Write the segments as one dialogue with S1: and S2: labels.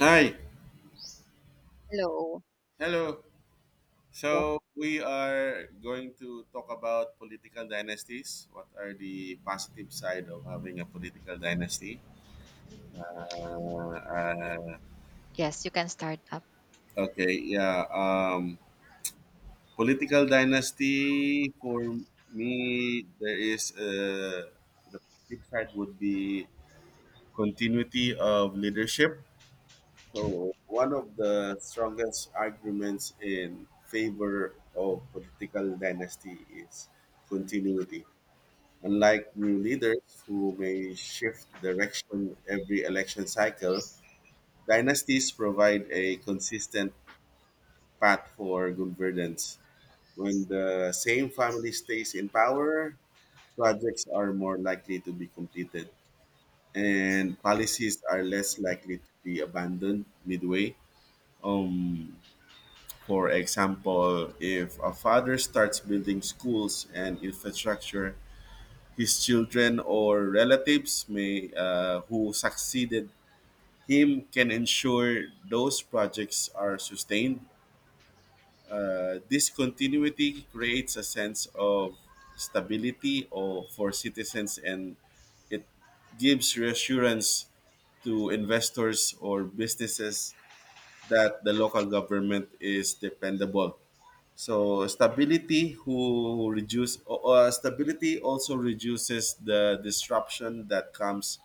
S1: Hi.
S2: Hello.
S1: Hello.
S2: Yes.
S1: So we are going to talk about political dynasties. What are the positive side of having a political dynasty? Uh, uh,
S2: Yes, you can start up.
S1: okay. Yeah. Political dynasty for me, there is the positive side would be continuity of leadership. So, one of the strongest arguments in favor of political dynasty is continuity. Unlike new leaders who may shift direction every election cycle, dynasties provide a consistent path for governance. When the same family stays in power, projects are more likely to be completed and policies are less likely to be abandoned midway. Um, For example, if a father starts building schools and infrastructure, his children or relatives may who succeeded him can ensure those projects are sustained. This continuity creates a sense of stability or for citizens and it gives reassurance to investors or businesses that the local government is dependable. So stability who reduce stability also reduces the disruption that comes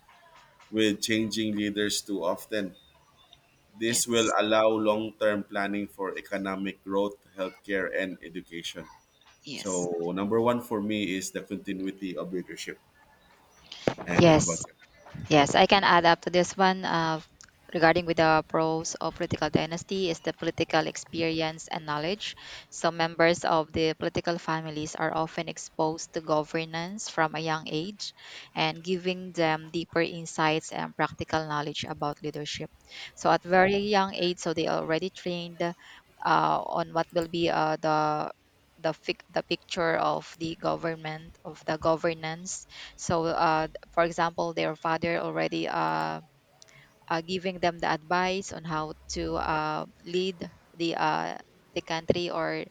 S1: with changing leaders too often. This will
S2: Yes.
S1: allow long-term planning for economic growth, healthcare, and education.
S2: Yes.
S1: So number one for me is the continuity of leadership. And how
S2: Yes.
S1: about you?
S2: Yes, I can add up to this one. Regarding with the pros of political dynasty is the political experience and knowledge. So members of the political families are often exposed to governance from a young age and giving them deeper insights and practical knowledge about leadership. So at very young age, so they already trained on what will be the the picture of the government of the governance so for example their father already giving them the advice on how to lead the uh, the country or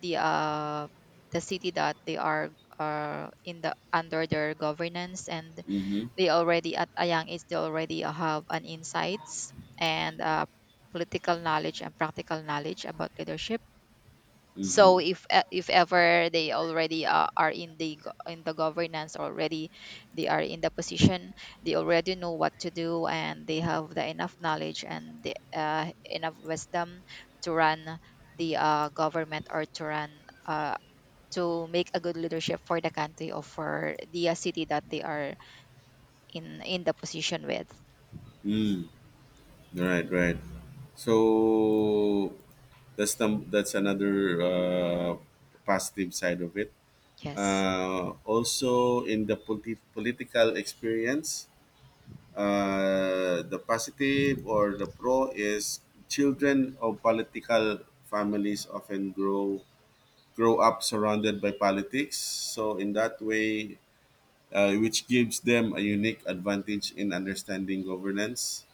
S2: the uh, the city that they are in the under their governance and
S1: Mm-hmm.
S2: they already at a young age they already have an insights and political knowledge and practical knowledge about leadership so
S1: Mm-hmm.
S2: if ever they already are in the governance already they are in the position they already know what to do and they have the enough knowledge and enough wisdom to run the government or to run uh, to make a good leadership for the country or for the city that they are in the position with.
S1: Mm. Right. Right. So that's another positive side of it.
S2: Yes.
S1: Also, in the political experience, the positive or the pro is children of political families often grow up surrounded by politics. So in that way, which gives them a unique advantage in understanding governance.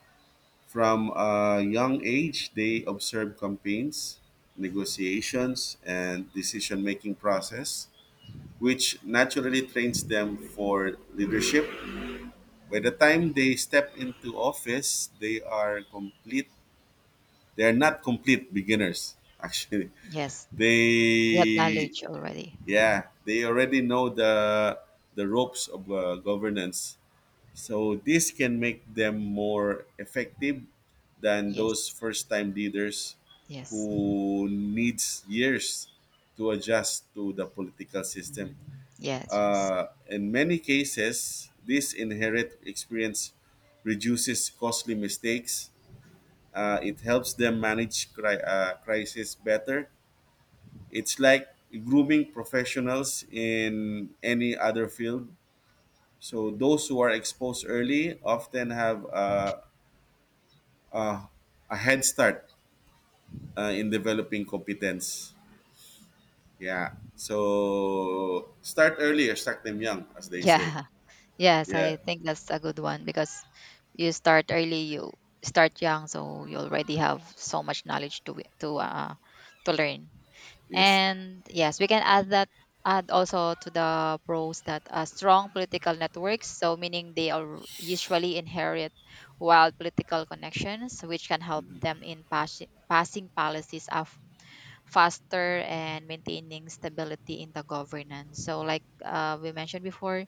S1: From a young age, they observe campaigns, negotiations, and decision making process which naturally trains them for leadership. By the time they step into office, They are not complete beginners. Actually,
S2: Yes, they have
S1: they
S2: knowledge already.
S1: yeah they already know the ropes of governance. So this can make them more effective than those
S2: Yes.
S1: first time leaders
S2: Yes.
S1: who needs years to adjust to the political system.
S2: Mhm. Yes. Yes.
S1: In many cases, this inherent experience reduces costly mistakes. It helps them manage crisis better. It's like grooming professionals in any other field. So those who are exposed early often have uh, a head start in developing competence. Yeah. So start early or start them young, as they say.
S2: Yeah. Yes,
S1: Yeah.
S2: I think that's a good one because you start early, you start young, so you already have so much knowledge to to learn.
S1: Yes.
S2: And yes, we can add that add also to the pros that strong political networks, so meaning they are usually inherit wild political connections, which can help them in passing policies of faster and maintaining stability in the governance. So like we mentioned before,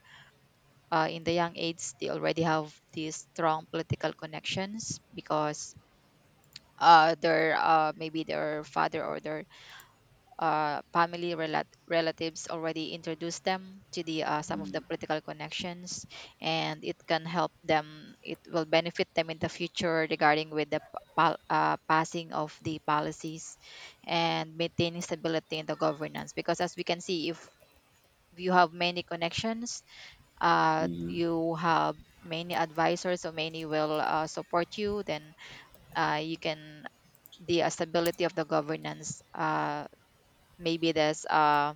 S2: in the young age they already have these strong political connections because their maybe their father or their family relatives already introduced them to the some of the political connections and it can help them it will benefit them in the future regarding with the passing of the policies and maintaining stability in the governance because as we can see if you have many connections, you have many advisors so many will support you then you can the stability of the governance, maybe this uh,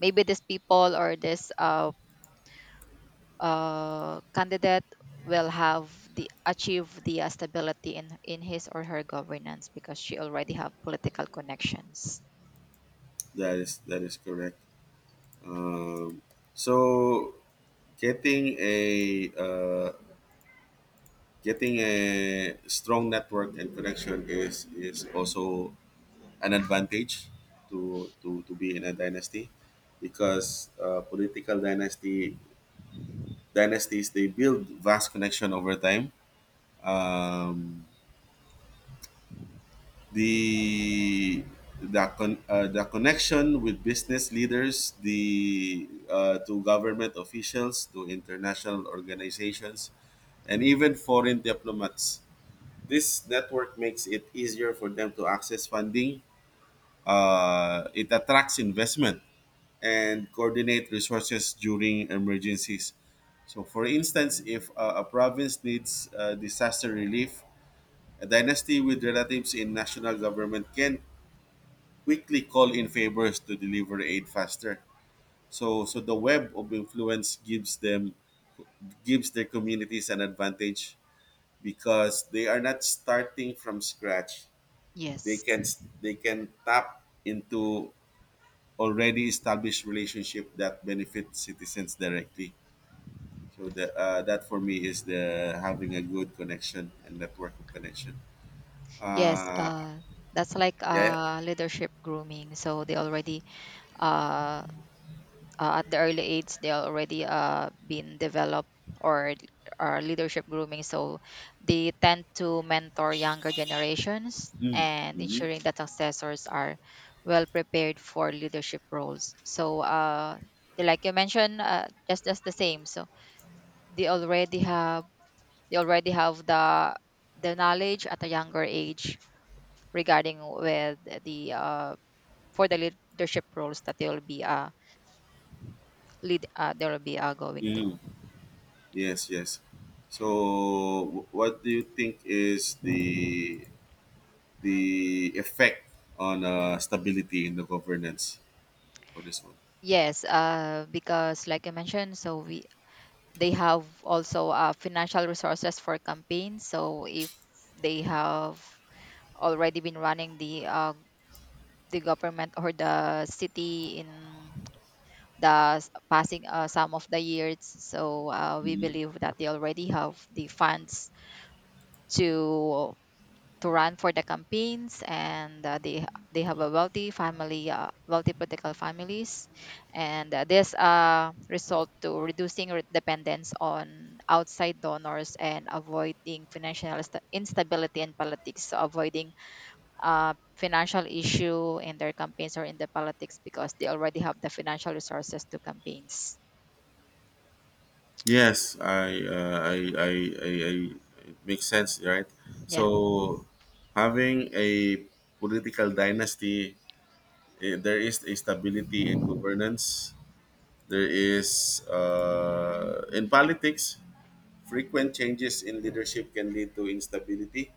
S2: maybe this people or this candidate will have the achieve the stability in his or her governance because she already have political connections.
S1: That is correct. Um, so getting a uh, getting a strong network and connection is also an advantage to be in a dynasty because political dynasty dynasties they build vast connection over time. Um, the the connection with business leaders, the to government officials, to international organizations, and even foreign diplomats. This network makes it easier for them to access funding. It attracts investment and coordinate resources during emergencies. So, for instance, if a province needs disaster relief, a dynasty with relatives in national government can quickly call in favors to deliver aid faster. So the web of influence gives their communities an advantage because they are not starting from scratch. They
S2: Yes.
S1: can tap into already established relationship that benefit citizens directly. So that for me is the having a good connection and network of connection.
S2: Yes,
S1: Uh,
S2: that's like
S1: yeah. Yeah.
S2: leadership grooming so they already uh, at the early age they already been developed or are leadership grooming so they tend to mentor younger generations and
S1: Mm-hmm.
S2: ensuring that successors are well prepared for leadership roles so like you mentioned, just the same so they already have they already have the knowledge at a younger age regarding with the for the leadership roles that they will be lead they will be going
S1: Mm-hmm.
S2: through.
S1: Yes. Yes. So what do you think is the effect on stability in the governance for this one?
S2: Yes, because like I mentioned, so we they have also financial resources for campaigns. So if they have already been running the government or the city in the passing some of the years, so we believe that they already have the funds to to run for the campaigns and they have a wealthy family, wealthy political families, and this result to reducing dependence on outside donors and avoiding financial instability in politics so avoiding financial issue in their campaigns or in the politics because they already have the financial resources to campaigns.
S1: Yes, I, I, it makes sense, right?
S2: Yeah.
S1: So, having a political dynasty, eh, there is a stability in governance. There is, in politics, frequent changes in leadership can lead to instability.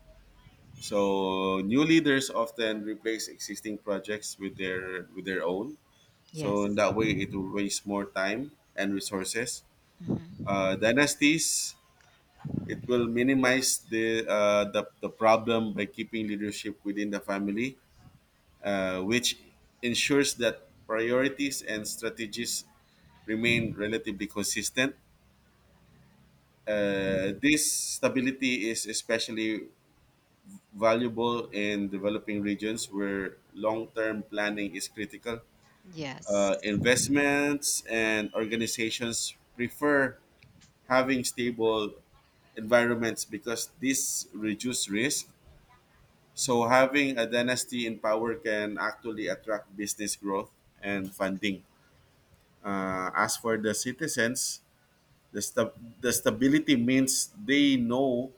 S1: So, new leaders often replace existing projects with their own. So, in
S2: Yes.
S1: that way, it will waste more time and resources.
S2: Hmm.
S1: Dynasties it will minimize the problem by keeping leadership within the family, which ensures that priorities and strategies remain relatively consistent. This stability is especially valuable in developing regions where long term planning is critical.
S2: Yes.
S1: Investments and organizations prefer having stable environments because this reduces risk. So having a dynasty in power can actually attract business growth and funding. As for the citizens, the stability means they know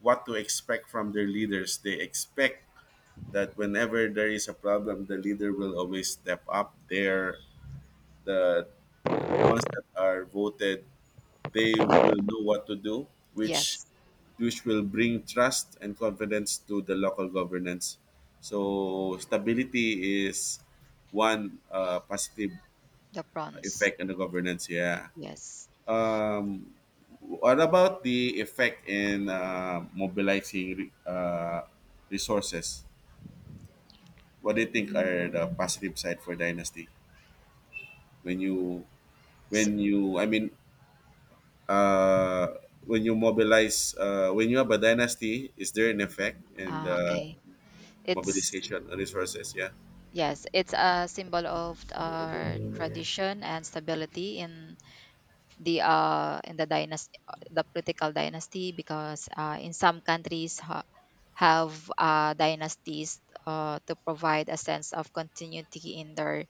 S1: what to expect from their leaders. They expect that whenever there is a problem, the leader will always step up. They're the the ones that are voted, they will know what to do, which
S2: Yes.
S1: will bring trust and confidence to the local governance. So stability is one positive
S2: The prawns.
S1: effect on the governance. Yeah.
S2: Yes.
S1: Um, what about the effect in mobilizing resources? What do you think are the positive side for dynasty when you
S2: So,
S1: when you I mean uh, when you mobilize, when you have a dynasty, is there an effect and
S2: ah, okay. It's,
S1: mobilization on resources? Yeah.
S2: yes, it's a symbol of our tradition and stability in the dynasty, the political dynasty, because in some countries have dynasties to provide a sense of continuity in their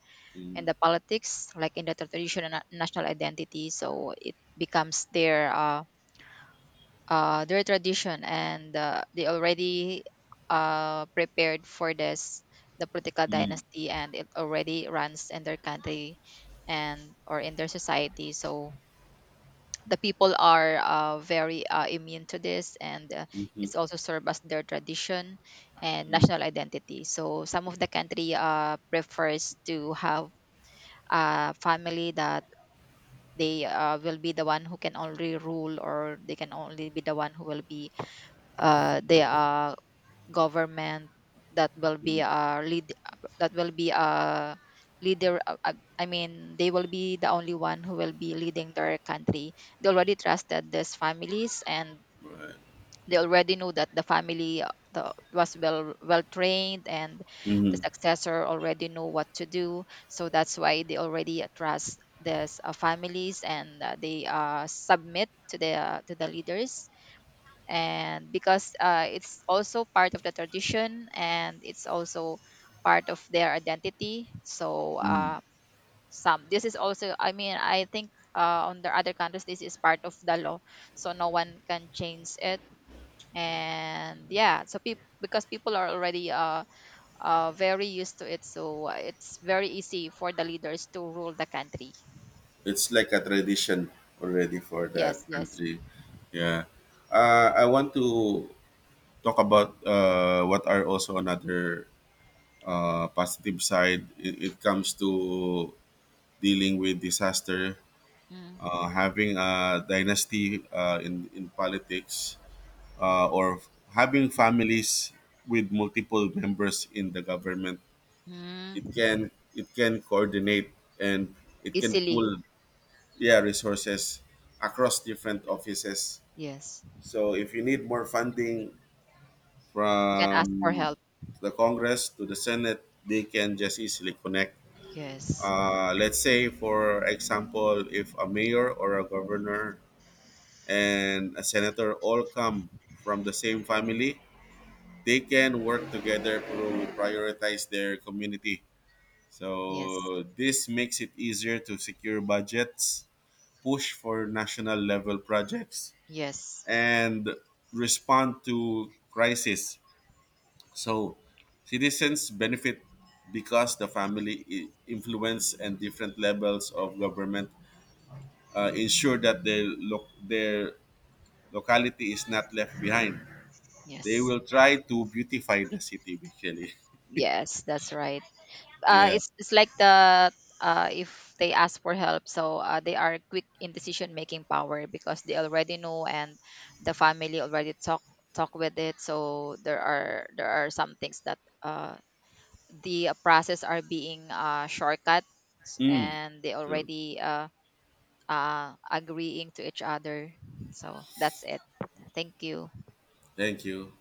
S2: in
S1: Mm,
S2: the politics, like in the traditional national identity. So it becomes their tradition and they already prepared for this the political
S1: mm,
S2: dynasty and it already runs in their country and or in their society so the people are very immune to this and
S1: mhm,
S2: it's also served as their tradition and
S1: mm,
S2: national identity so some of the country prefers to have a family that they will be the one who can only rule or they can only be the one who will be they are government that will be
S1: mm.
S2: a lead that will be a leader I mean they will be the only one who will be leading their country. They already trusted these families and
S1: Right.
S2: they already knew that the family, was well trained and the
S1: Mhm,
S2: successor already know what to do so that's why they already trust these families and they submit to the leaders and because it's also part of the tradition and it's also part of their identity so
S1: mm.
S2: some this is also I mean I think on the other countries this is part of the law so no one can change it. And yeah, so people because people are already very used to it so it's very easy for the leaders to rule the country.
S1: It's like a tradition already for that
S2: Yes. Yes.
S1: country. Yeah. I want to talk about what are also another positive side. It comes to dealing with disaster.
S2: Mm.
S1: Having a dynasty in politics or having families with multiple members in the government,
S2: Mm.
S1: it can coordinate and it can
S2: Easily.
S1: pool, yeah, resources across different offices.
S2: Yes.
S1: So if you need more funding
S2: You can ask for
S1: from
S2: help.
S1: the congress to the senate they can just easily connect.
S2: Yes.
S1: Let's say for example if a mayor or a governor and a senator all come from the same family, they can work together to prioritize their community.
S2: Yes.
S1: So this makes it easier to secure budgets, push for national level projects,
S2: Yes,
S1: and respond to crisis. So citizens benefit because the family influence and different levels of government ensure that their locality is not left behind. They
S2: yes,
S1: will try to beautify the city basically.
S2: yes. That's right. Uh,
S1: Yeah.
S2: it's it's like the if they ask for help, so they are quick in decision making power because they already know and the family already talk with it. So there are some things that the process are being shortcut
S1: Mm,
S2: and they
S1: true.
S2: already agreeing to each other. So that's it. Thank you.
S1: Thank you.